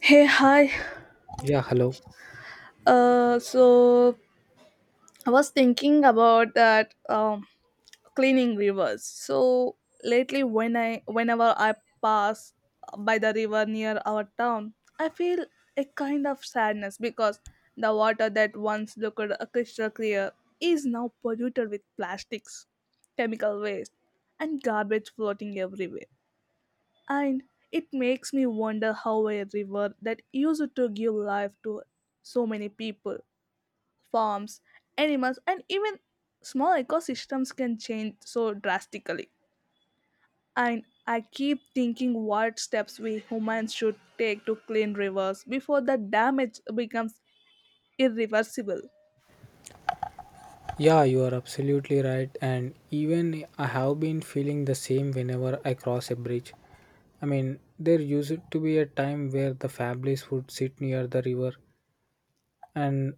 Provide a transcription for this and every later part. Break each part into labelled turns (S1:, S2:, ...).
S1: Hey, hi.
S2: Yeah, hello.
S1: So I was thinking about that cleaning rivers. So lately, whenever I pass by the river near our town, I feel a kind of sadness because the water that once looked crystal clear is now polluted with plastics, chemical waste, and garbage floating everywhere. And it makes me wonder how a river that used to give life to so many people, farms, animals, and even small ecosystems can change so drastically. And I keep thinking what steps we humans should take to clean rivers before the damage becomes irreversible.
S2: Yeah, you are absolutely right. And even I have been feeling the same whenever I cross a bridge. I mean, there used to be a time where the families would sit near the river and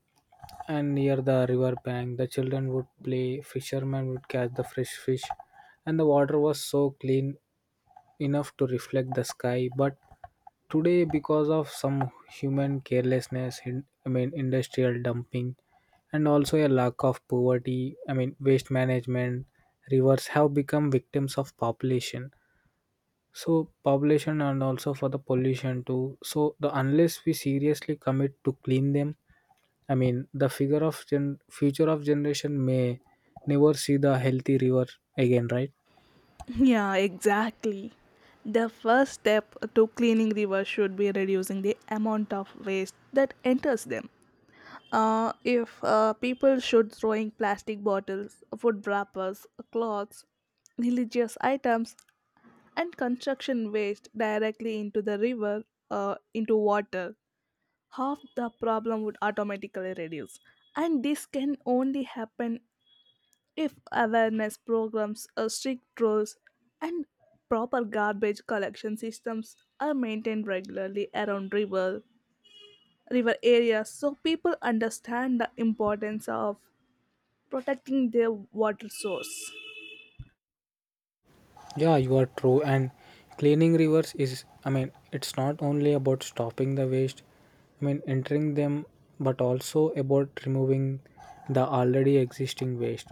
S2: and near the river bank, the children would play, fishermen would catch the fresh fish, and the water was so clean enough to reflect the sky. But today, because of some human carelessness in, I mean, industrial dumping and also a lack of poverty, I mean, waste management, rivers have become victims of population, so population and also for the pollution too. So the unless we seriously commit to clean them, I mean, the figure of future of generation may never see the healthy river again, right?
S1: Yeah, exactly. The first step to cleaning rivers should be reducing the amount of waste that enters them. If people should throwing plastic bottles, food wrappers, cloths, religious items, and construction waste directly into the river, into water, half the problem would automatically reduce, and this can only happen if awareness programs, strict rules, and proper garbage collection systems are maintained regularly around river areas so people understand the importance of protecting their water source.
S2: Yeah, you are true. And cleaning rivers is, I mean, it's not only about stopping the waste, I mean, entering them, but also about removing the already existing waste.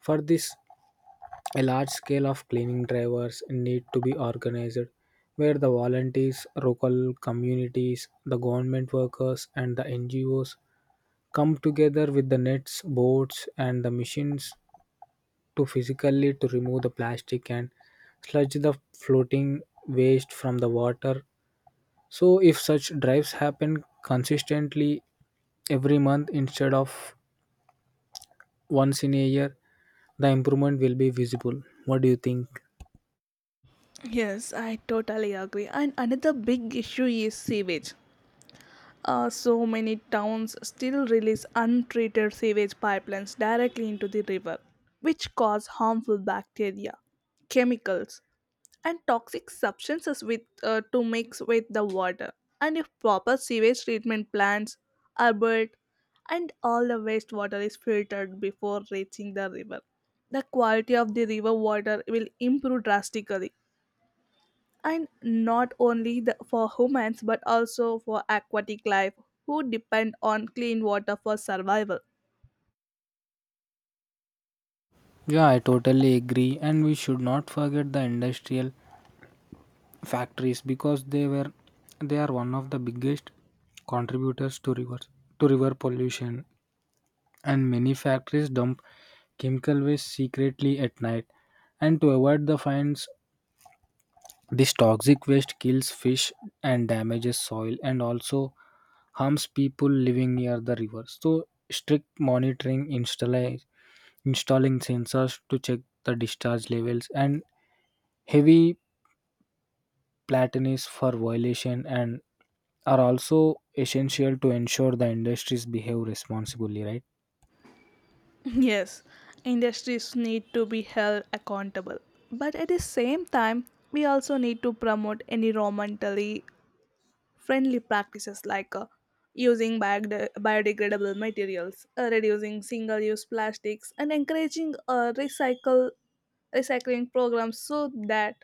S2: For this, a large scale of cleaning drivers need to be organized where the volunteers, local communities, the government workers, and the NGOs come together with the nets, boats, and the machines to physically to remove the plastic and sludge, the floating waste from the water. So if such drives happen consistently every month instead of once in a year, the improvement will be visible. What do you think?
S1: Yes, I totally agree. And another big issue is sewage. So many towns still release untreated sewage pipelines directly into the river, which cause harmful bacteria, chemicals, and toxic substances to mix with the water. And if proper sewage treatment plants are built and all the wastewater is filtered before reaching the river, the quality of the river water will improve drastically, and not only for humans but also for aquatic life who depend on clean water for survival.
S2: Yeah, I totally agree. And we should not forget the industrial factories, because they are one of the biggest contributors to river pollution. And many factories dump chemical waste secretly at night and to avoid the fines. This toxic waste kills fish and damages soil and also harms people living near the river. So strict monitoring, installing sensors to check the discharge levels, and heavy platinums for violation and are also essential to ensure the industries behave responsibly, right?
S1: Yes, industries need to be held accountable, but at the same time, we also need to promote environmentally friendly practices like using biodegradable materials, reducing single-use plastics, and encouraging recycle recycling programs so that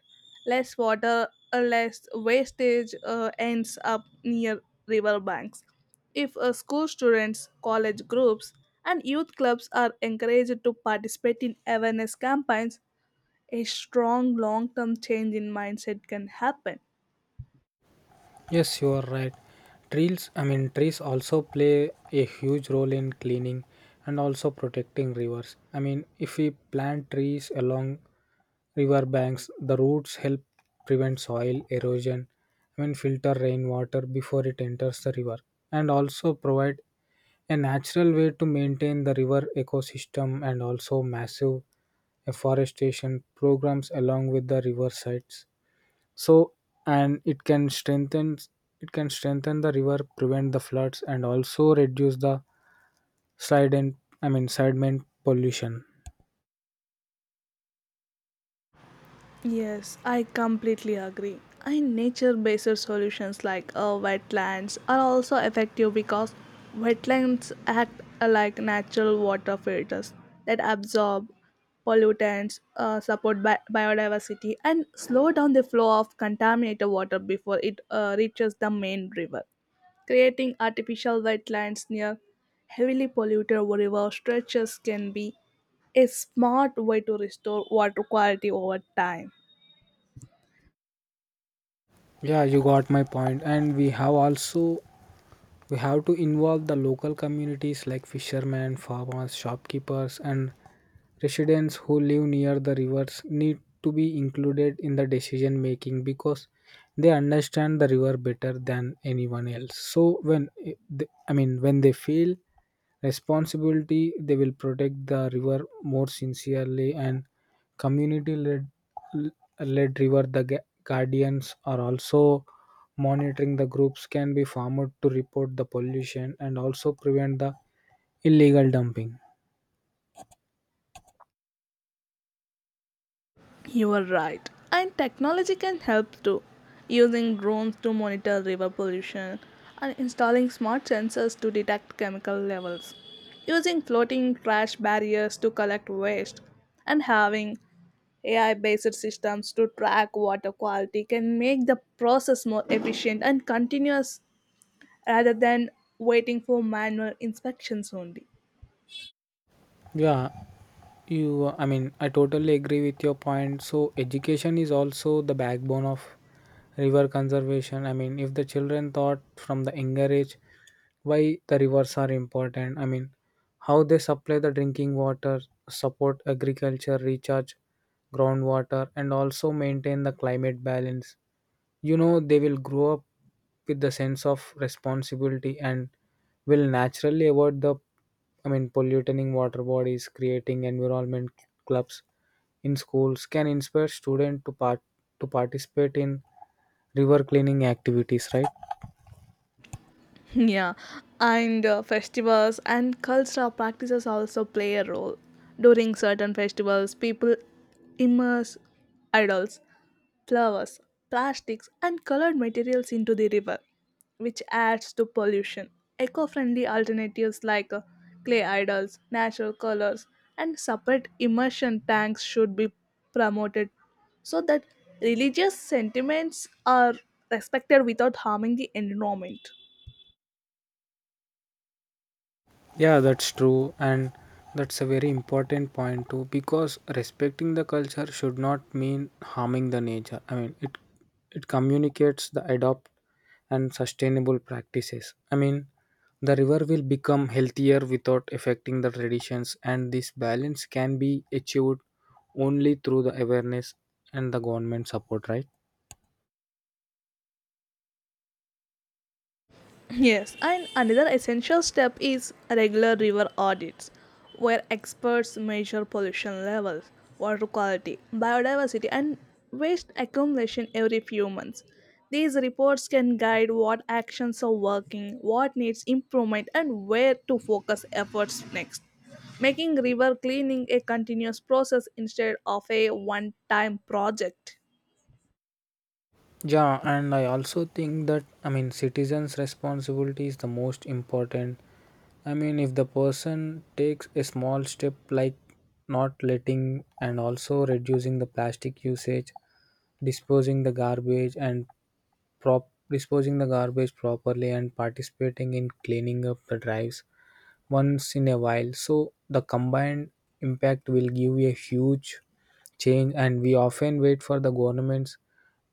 S1: less water or less wastage ends up near river banks. If school students, college groups, and youth clubs are encouraged to participate in awareness campaigns, a strong long term change in mindset can happen.
S2: Yes, you are right. Trees also play a huge role in cleaning and also protecting rivers. I mean, if we plant trees along river banks, the roots help prevent soil erosion. I mean, filter rainwater before it enters the river, and also provide a natural way to maintain the river ecosystem. And also massive afforestation programs along with the river sites, so and it can strengthen the river, prevent the floods, and also reduce the side and, I mean, sediment pollution.
S1: Yes, I completely agree. And nature based solutions like wetlands are also effective because wetlands act like natural water filters that absorb pollutants, support biodiversity, and slow down the flow of contaminated water before it reaches the main river. Creating artificial wetlands near heavily polluted river stretches can be a smart way to restore water quality over time.
S2: Yeah, you got my point. And we have to involve the local communities like fishermen, farmers, shopkeepers, and residents who live near the rivers need to be included in the decision making, because they understand the river better than anyone else. So when I mean, when they feel responsibility, they will protect the river more sincerely. And community led river, the guardians are also monitoring, the groups can be formed to report the pollution and also prevent the illegal dumping.
S1: You are right. And technology can help too. Using drones to monitor river pollution and installing smart sensors to detect chemical levels. Using floating trash barriers to collect waste and having AI based systems to track water quality can make the process more efficient and continuous rather than waiting for manual inspections only.
S2: Yeah, you, I mean, I totally agree with your point. So education is also the backbone of river conservation. I mean, if the children thought from the younger age why the rivers are important, I mean, how they supply the drinking water, support agriculture, recharge groundwater, and also maintain the climate balance, you know, they will grow up with the sense of responsibility and will naturally avoid the, I mean, polluting water bodies. Creating environment clubs in schools can inspire students to participate in river cleaning activities, right?
S1: Yeah, and festivals and cultural practices also play a role. During certain festivals, people immerse idols, flowers, plastics, and colored materials into the river, which adds to pollution. Eco friendly alternatives like clay idols, natural colors, and separate immersion tanks should be promoted so that religious sentiments are respected without harming the environment.
S2: Yeah, that's true, and that's a very important point too. Because respecting the culture should not mean harming the nature. I mean, it communicates the adopt and sustainable practices. I mean, the river will become healthier without affecting the traditions, and this balance can be achieved only through the awareness and the government support, right?
S1: Yes, and another essential step is regular river audits, where experts measure pollution levels, water quality, biodiversity, and waste accumulation every few months. These reports can guide what actions are working, what needs improvement, and where to focus efforts next, making river cleaning a continuous process instead of a one time project.
S2: Yeah, and I also think that, I mean, citizens' responsibility is the most important. I mean, if the person takes a small step like not letting and also reducing the plastic usage, disposing the garbage and prop disposing the garbage properly and participating in cleaning up the drives once in a while. So the combined impact will give a huge change. And we often wait for the governments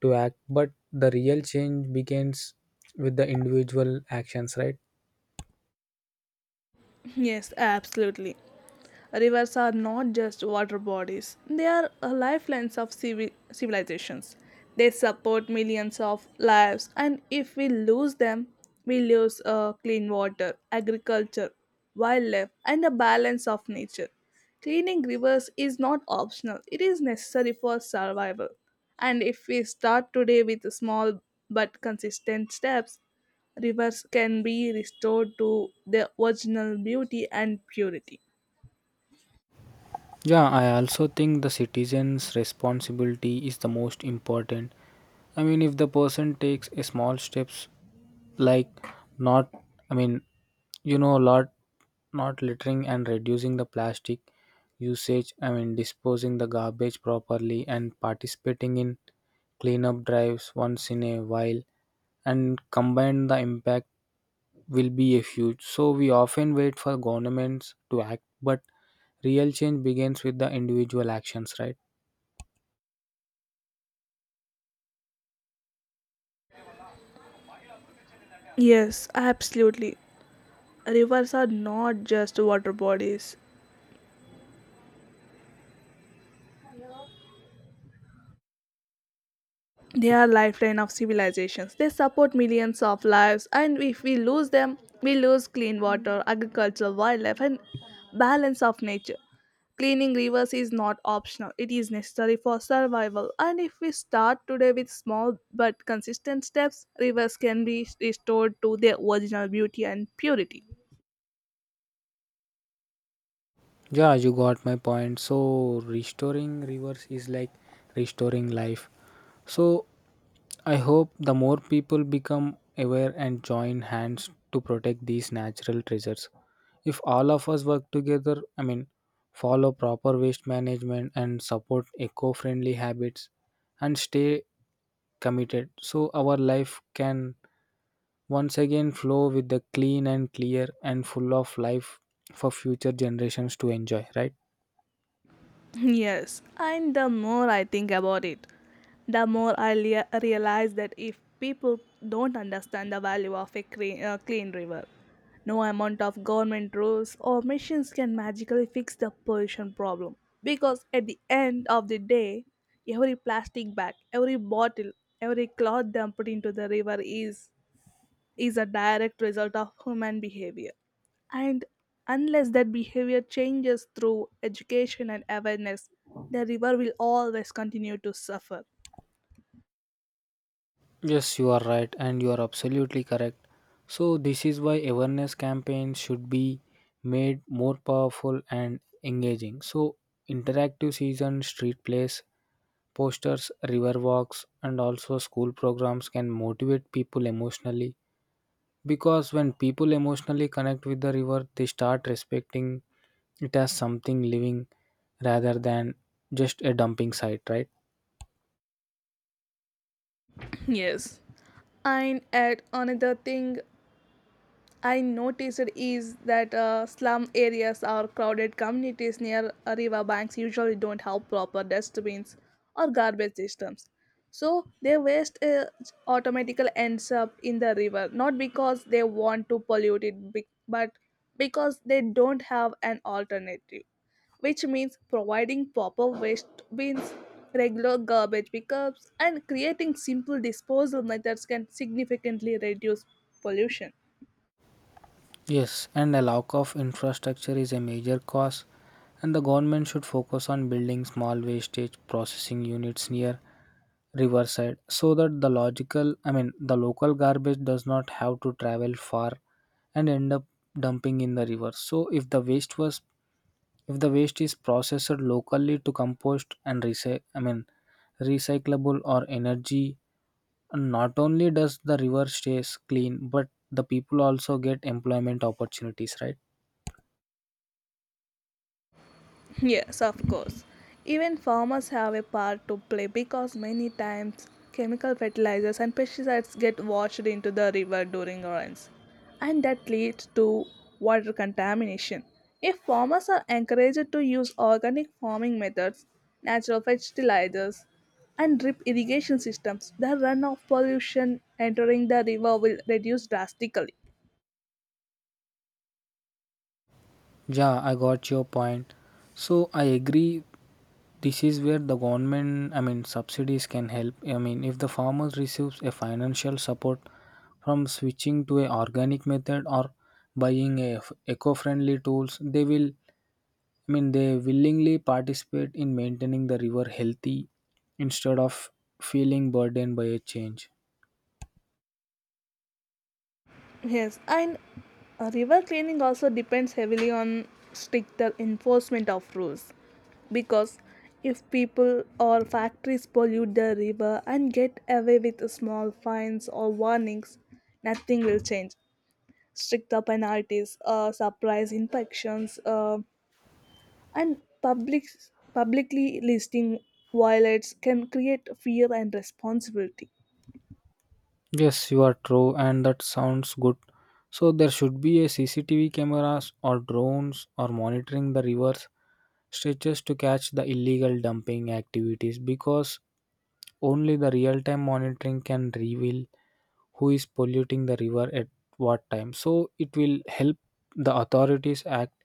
S2: to act, but the real change begins with the individual actions, right?
S1: Yes, absolutely. Rivers are not just water bodies, they are lifelines of civilizations. They support millions of lives, and if we lose them, we lose clean water, agriculture, wildlife, and the balance of nature. Cleaning rivers is not optional, it is necessary for survival. And if we start today with small but consistent steps, rivers can be restored to their original beauty and purity.
S2: Yeah, I also think the citizen's responsibility is the most important. I mean, if the person takes a small steps, like not, I mean, you know, a lot, not littering and reducing the plastic usage, I mean, disposing the garbage properly and participating in cleanup drives once in a while, and combined the impact will be a huge. So we often wait for governments to act, but real change begins with the individual actions, right?
S1: Yes, absolutely. Rivers are not just water bodies. They are lifeline of civilizations. They support millions of lives, and if we lose them, we lose clean water, agriculture, wildlife, and balance of nature. Cleaning rivers is not optional. It is necessary for survival. And if we start today with small but consistent steps, rivers can be restored to their original beauty and purity.
S2: Yeah, you got my point. So restoring rivers is like restoring life. So I hope the more people become aware and join hands to protect these natural treasures. If all of us work together, I mean, follow proper waste management and support eco friendly habits and stay committed, so our life can once again flow with the clean and clear and full of life for future generations to enjoy, right?
S1: Yes, and the more I think about it, the more I realize that if people don't understand the value of a clean river, no amount of government rules or machines can magically fix the pollution problem. Because at the end of the day, every plastic bag, every bottle, every cloth dumped into the river is a direct result of human behavior. And unless that behavior changes through education and awareness, the river will always continue to suffer.
S2: Yes, you are right, and you are absolutely correct. So this is why awareness campaigns should be made more powerful and engaging. So interactive season, street plays, posters, river walks, and also school programs can motivate people emotionally, because when people emotionally connect with the river, they start respecting it as something living rather than just a dumping site, right?
S1: Yes. And add another thing I noticed is that slum areas or crowded communities near river banks usually don't have proper dustbins or garbage systems. So their waste automatically ends up in the river, not because they want to pollute it, but because they don't have an alternative, which means providing proper waste bins, regular garbage pickups, and creating simple disposal methods can significantly reduce pollution.
S2: Yes, and a lack of infrastructure is a major cause, and the government should focus on building small wastage processing units near riverside so that the logical, I mean, the local garbage does not have to travel far and end up dumping in the river. So if the waste was if the waste is processed locally to compost and I mean, recyclable or energy. And not only does the river stays clean, but the people also get employment opportunities, right?
S1: Yes, of course. Even farmers have a part to play because many times chemical fertilizers and pesticides get washed into the river during rains, and that leads to water contamination. If farmers are encouraged to use organic farming methods, natural fertilizers, and drip irrigation systems, the runoff pollution entering the river will reduce drastically.
S2: Yeah, I got your point. So I agree. This is where the government, I mean, subsidies can help. I mean, if the farmer receives a financial support from switching to a organic method or buying a eco-friendly tools, they will, I mean, they willingly participate in maintaining the river healthy instead of feeling burdened by a change.
S1: Yes, and river cleaning also depends heavily on stricter enforcement of rules because if people or factories pollute the river and get away with small fines or warnings, nothing will change. Stricter penalties, surprise inspections, and public publicly listing violates can create fear and responsibility.
S2: Yes, you are true, and that sounds good. So there should be a CCTV cameras or drones or monitoring the rivers stretches to catch the illegal dumping activities, because only the real-time monitoring can reveal who is polluting the river at what time. So it will help the authorities act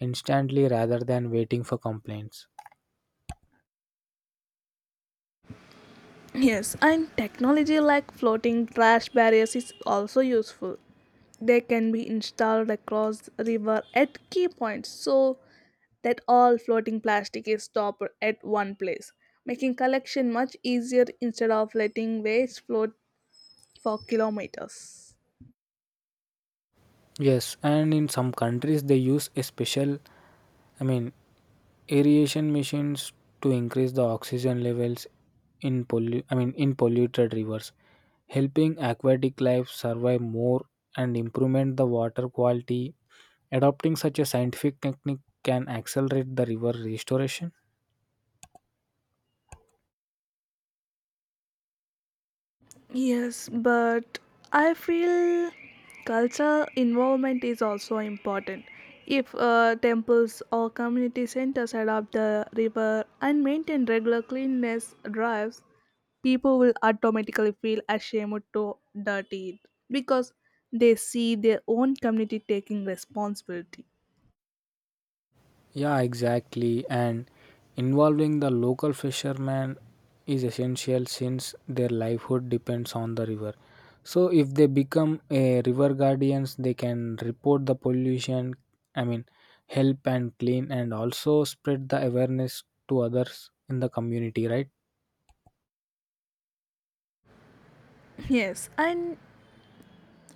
S2: instantly rather than waiting for complaints.
S1: Yes, and technology like floating trash barriers is also useful. They can be installed across river at key points so that all floating plastic is stopped at one place, making collection much easier instead of letting waste float for kilometers.
S2: Yes, and in some countries they use a special, I mean, aeration machines to increase the oxygen levels in I mean, in polluted rivers, helping aquatic life survive more and improvement the water quality. Adopting such a scientific technique can accelerate the river restoration.
S1: Yes, but I feel culture involvement is also important. If temples or community centers adopt the river and maintain regular cleanliness drives, people will automatically feel ashamed to dirty it because they see their own community taking responsibility.
S2: Yeah, exactly. And involving the local fishermen is essential since their livelihood depends on the river. So if they become a river guardians, they can report the pollution, I mean, help and clean, and also spread the awareness to others in the community, right?
S1: Yes, and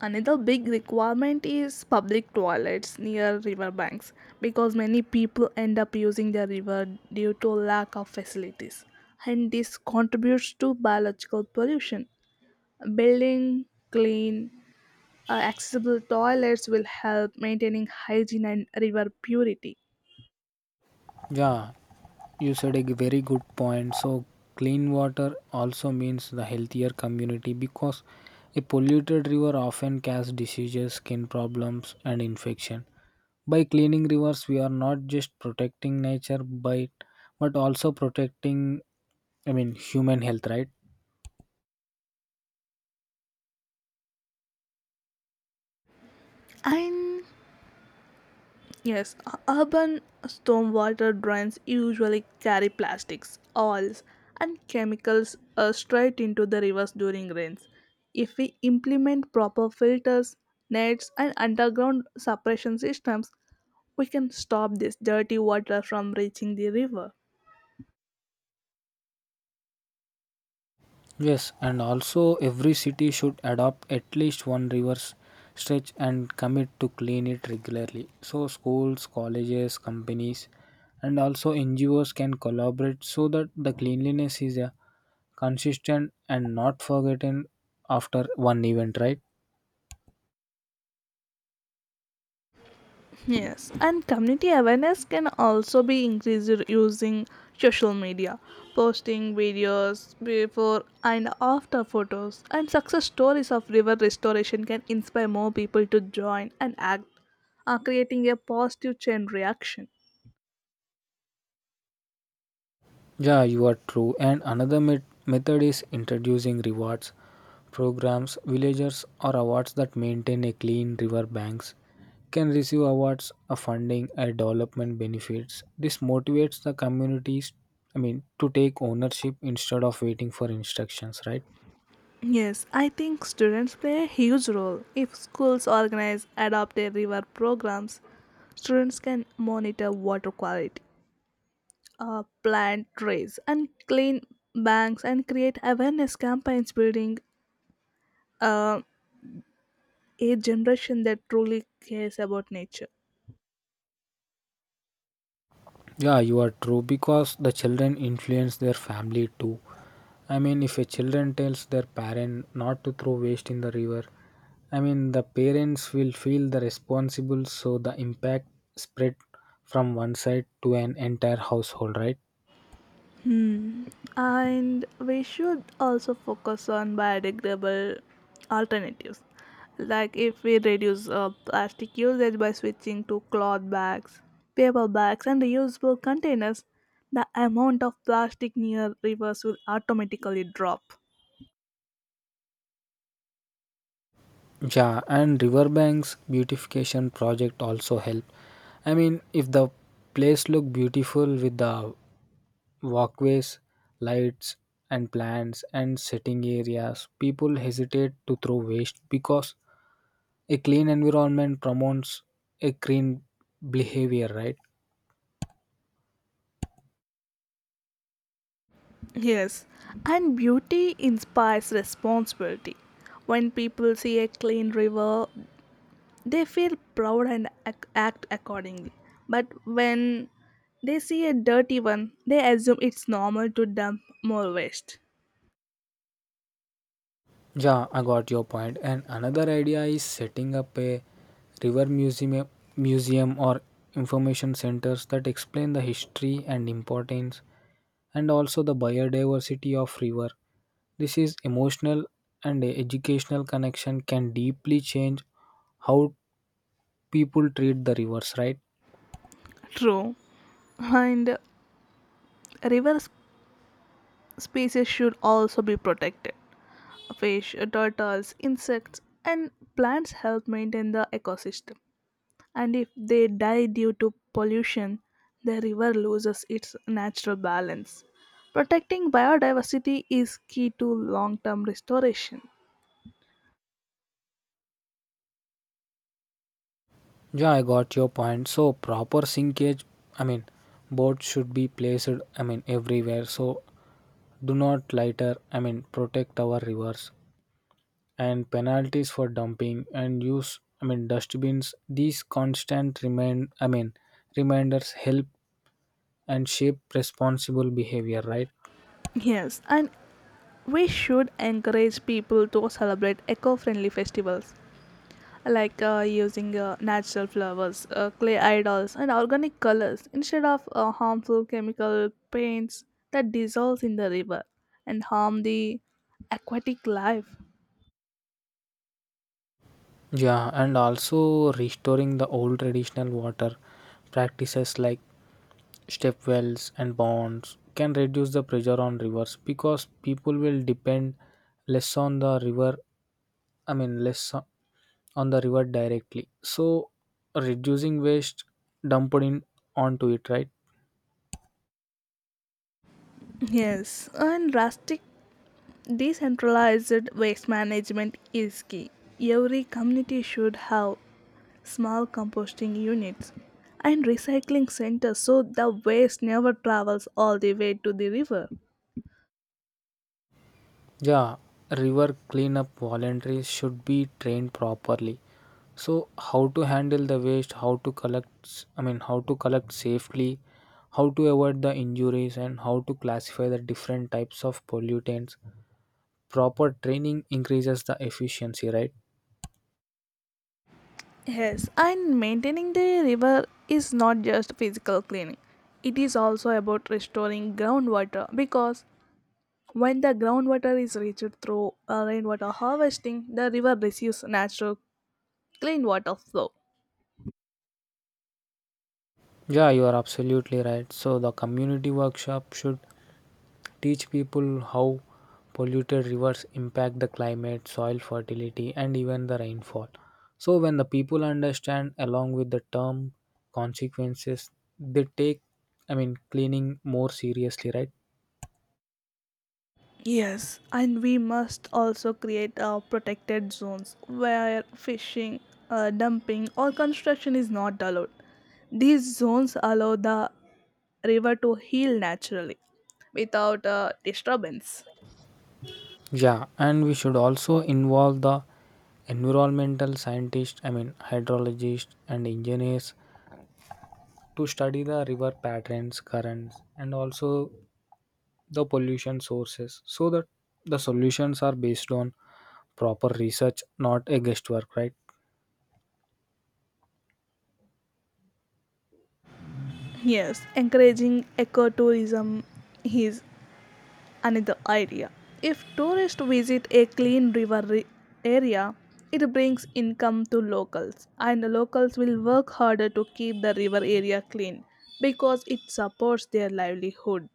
S1: another big requirement is public toilets near river banks because many people end up using the river due to lack of facilities, and this contributes to biological pollution. Building clean, accessible toilets will help maintaining hygiene and river purity.
S2: Yeah, you said a very good point. So clean water also means the healthier community, because a polluted river often causes diseases, skin problems, and infection. By cleaning rivers, we are not just protecting nature, but also protecting, I mean, human health, right?
S1: And yes, urban stormwater drains usually carry plastics, oils, and chemicals straight into the rivers during rains. If we implement proper filters, nets, and underground suppression systems, we can stop this dirty water from reaching the river.
S2: Yes, and also every city should adopt at least one reverse stretch and commit to clean it regularly. So schools, colleges, companies, and also NGOs can collaborate so that the cleanliness is consistent and not forgotten after one event, right?
S1: Yes, and community awareness can also be increased using social media. Posting videos, before and after photos, and success stories of river restoration can inspire more people to join and act, creating a positive chain reaction.
S2: Yeah, you are true. And another method is introducing rewards programs. Villagers or awards that maintain a clean river banks can receive awards, a funding, and development benefits. This motivates the communities, I mean, to take ownership instead of waiting for instructions, right?
S1: Yes, I think students play a huge role. If schools organize adopted river programs, students can monitor water quality, plant trays, and clean banks, and create awareness campaigns, building uh, a generation that truly cares about nature.
S2: Yeah, you are true because the children influence their family too. I mean, if a children tells their parent not to throw waste in the river, I mean, the parents will feel the responsible, so the impact spread from one side to an entire household, right?
S1: And we should also focus on biodegradable alternatives. Like, if we reduce plastic usage by switching to cloth bags, paper bags, and reusable containers, the amount of plastic near rivers will automatically drop.
S2: Yeah, and riverbanks beautification project also help. I mean, if the place look beautiful with the walkways, lights, and plants, and sitting areas. People hesitate to throw waste because a clean environment promotes a green behavior, right?
S1: Yes, and beauty inspires responsibility. When people see a clean river, they feel proud and act accordingly. But when they see a dirty one, they assume it's normal to dump more waste.
S2: Yeah, I got your point. And another idea is setting up a river museum or information centers that explain the history and importance and also the biodiversity of river. This is emotional and educational connection can deeply change how people treat the rivers, right?
S1: True. And river species should also be protected. Fish, turtles, insects, and plants help maintain the ecosystem. And if they die due to pollution, the river loses its natural balance. Protecting biodiversity is key to long term restoration.
S2: Yeah, I got your point. So proper sinkage, I mean, boats should be placed, I mean, everywhere. So do not litter, I mean, protect our rivers and penalties for dumping and use, I mean, dustbins. These constant remind, I mean, reminders help and shape responsible behavior, right?
S1: Yes, and we should encourage people to celebrate eco friendly festivals like using natural flowers, clay idols, and organic colors instead of harmful chemical paints that dissolve in the river and harm the aquatic life.
S2: Yeah, and also restoring the old traditional water practices like step wells and ponds can reduce the pressure on rivers, because people will depend less on the river, I mean, less on the river directly, so reducing waste dumped in onto it, right?
S1: Yes, and drastic decentralized waste management is key. Every community should have small composting units and recycling centers so the waste never travels all the way to the river.
S2: Yeah, river cleanup voluntaries should be trained properly, so how to handle the waste, how to collect I mean, how to collect safely, how to avoid the injuries, and how to classify the different types of pollutants. Proper training increases the efficiency, right?
S1: Yes, and maintaining the river is not just physical cleaning. It is also about restoring groundwater because when the groundwater is reached through rainwater harvesting, the river receives natural clean water flow.
S2: Yeah, you are absolutely right. So the community workshop should teach people how polluted rivers impact the climate, soil fertility, and even the rainfall. So when the people understand along with the term consequences, they take, I mean, cleaning more seriously, right?
S1: Yes, and we must also create protected zones where fishing, dumping, or construction is not allowed. These zones allow the river to heal naturally without disturbance.
S2: Yeah, and we should also involve the environmental scientists, I mean, hydrologists and engineers to study the river patterns, currents, and also the pollution sources, so that the solutions are based on proper research, not a guesswork, right?
S1: Yes, encouraging ecotourism is another idea. If tourists visit a clean river area, it brings income to locals, and the locals will work harder to keep the river area clean because it supports their livelihood.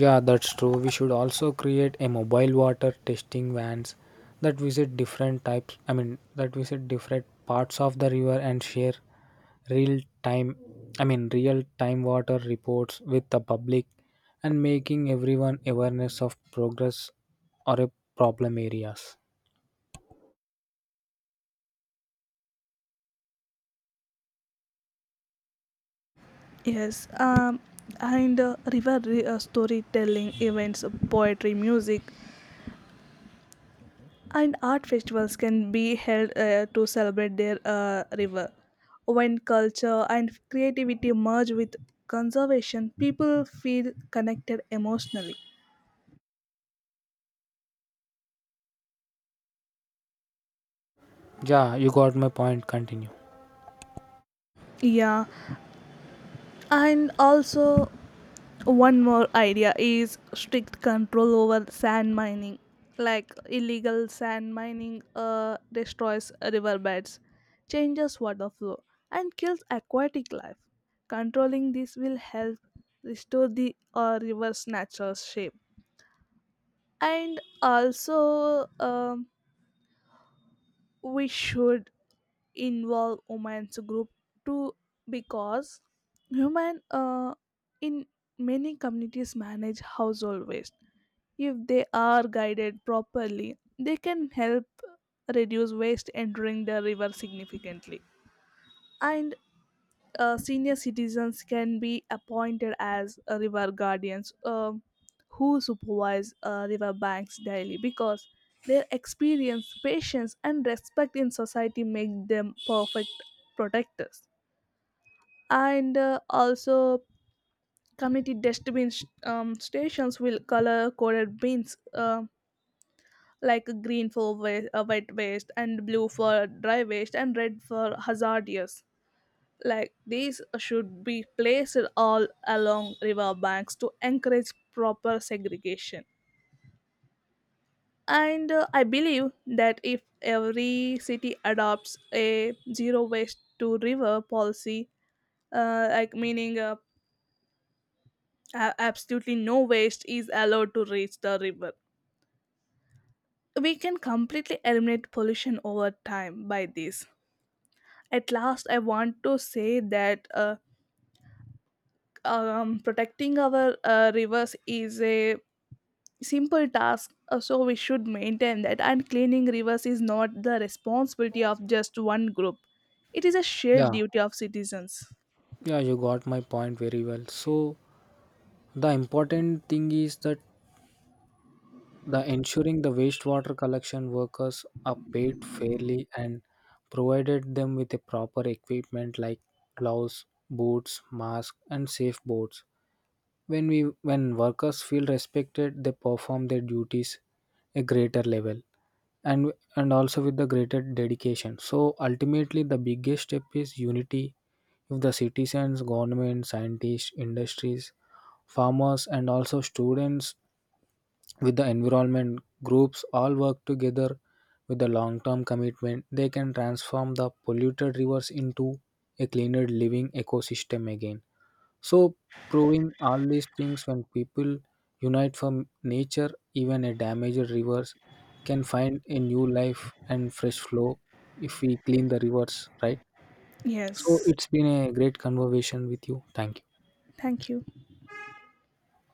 S2: Yeah, that's true. We should also create a mobile water testing vans that visit different types, I mean, that visit different parts of the river and share real time, I mean, real time water reports with the public and making everyone awareness of progress or a problem areas.
S1: Yes, and storytelling events, poetry, music, and art festivals can be held to celebrate their river. When culture and creativity merge with conservation, people feel connected emotionally.
S2: Yeah, you got my point, continue.
S1: Yeah, and also, one more idea is strict control over sand mining. Like illegal sand mining destroys riverbeds, changes water flow, and kills aquatic life. Controlling this will help restore the river's natural shape. And also, we should involve women's group too because women in many communities manage household waste. If they are guided properly, they can help reduce waste entering the river significantly. And senior citizens can be appointed as river guardians, who supervise river banks daily because their experience, patience, and respect in society make them perfect protectors. And also, community dustbin stations will color coded bins, like green for wet waste, and blue for dry waste, and red for hazardous, like these should be placed all along river banks to encourage proper segregation. And I believe that if every city adopts a zero waste to river policy, like meaning absolutely no waste is allowed to reach the river, we can completely eliminate pollution over time by this. At last, I want to say that protecting our rivers is a simple task, so we should maintain that, and cleaning rivers is not the responsibility of just one group. It is a shared
S2: Yeah,
S1: duty of citizens.
S2: yeah, you got my point very well. So the important thing is that the ensuring the wastewater collection workers are paid fairly and provided them with the proper equipment like gloves, boots, mask, and safe boards. When workers feel respected, they perform their duties a greater level and also with the greater dedication. So ultimately the biggest step is unity. If the citizens, government, scientists, industries, farmers, and also students with the environment groups all work together with the long term commitment, they can transform the polluted rivers into a cleaner living ecosystem again. So proving all these things, when people unite from nature, even a damaged rivers can find a new life and fresh flow if we clean the rivers, right? So
S1: Yes,
S2: it's been a great conversation with you. Thank you.
S1: thank you.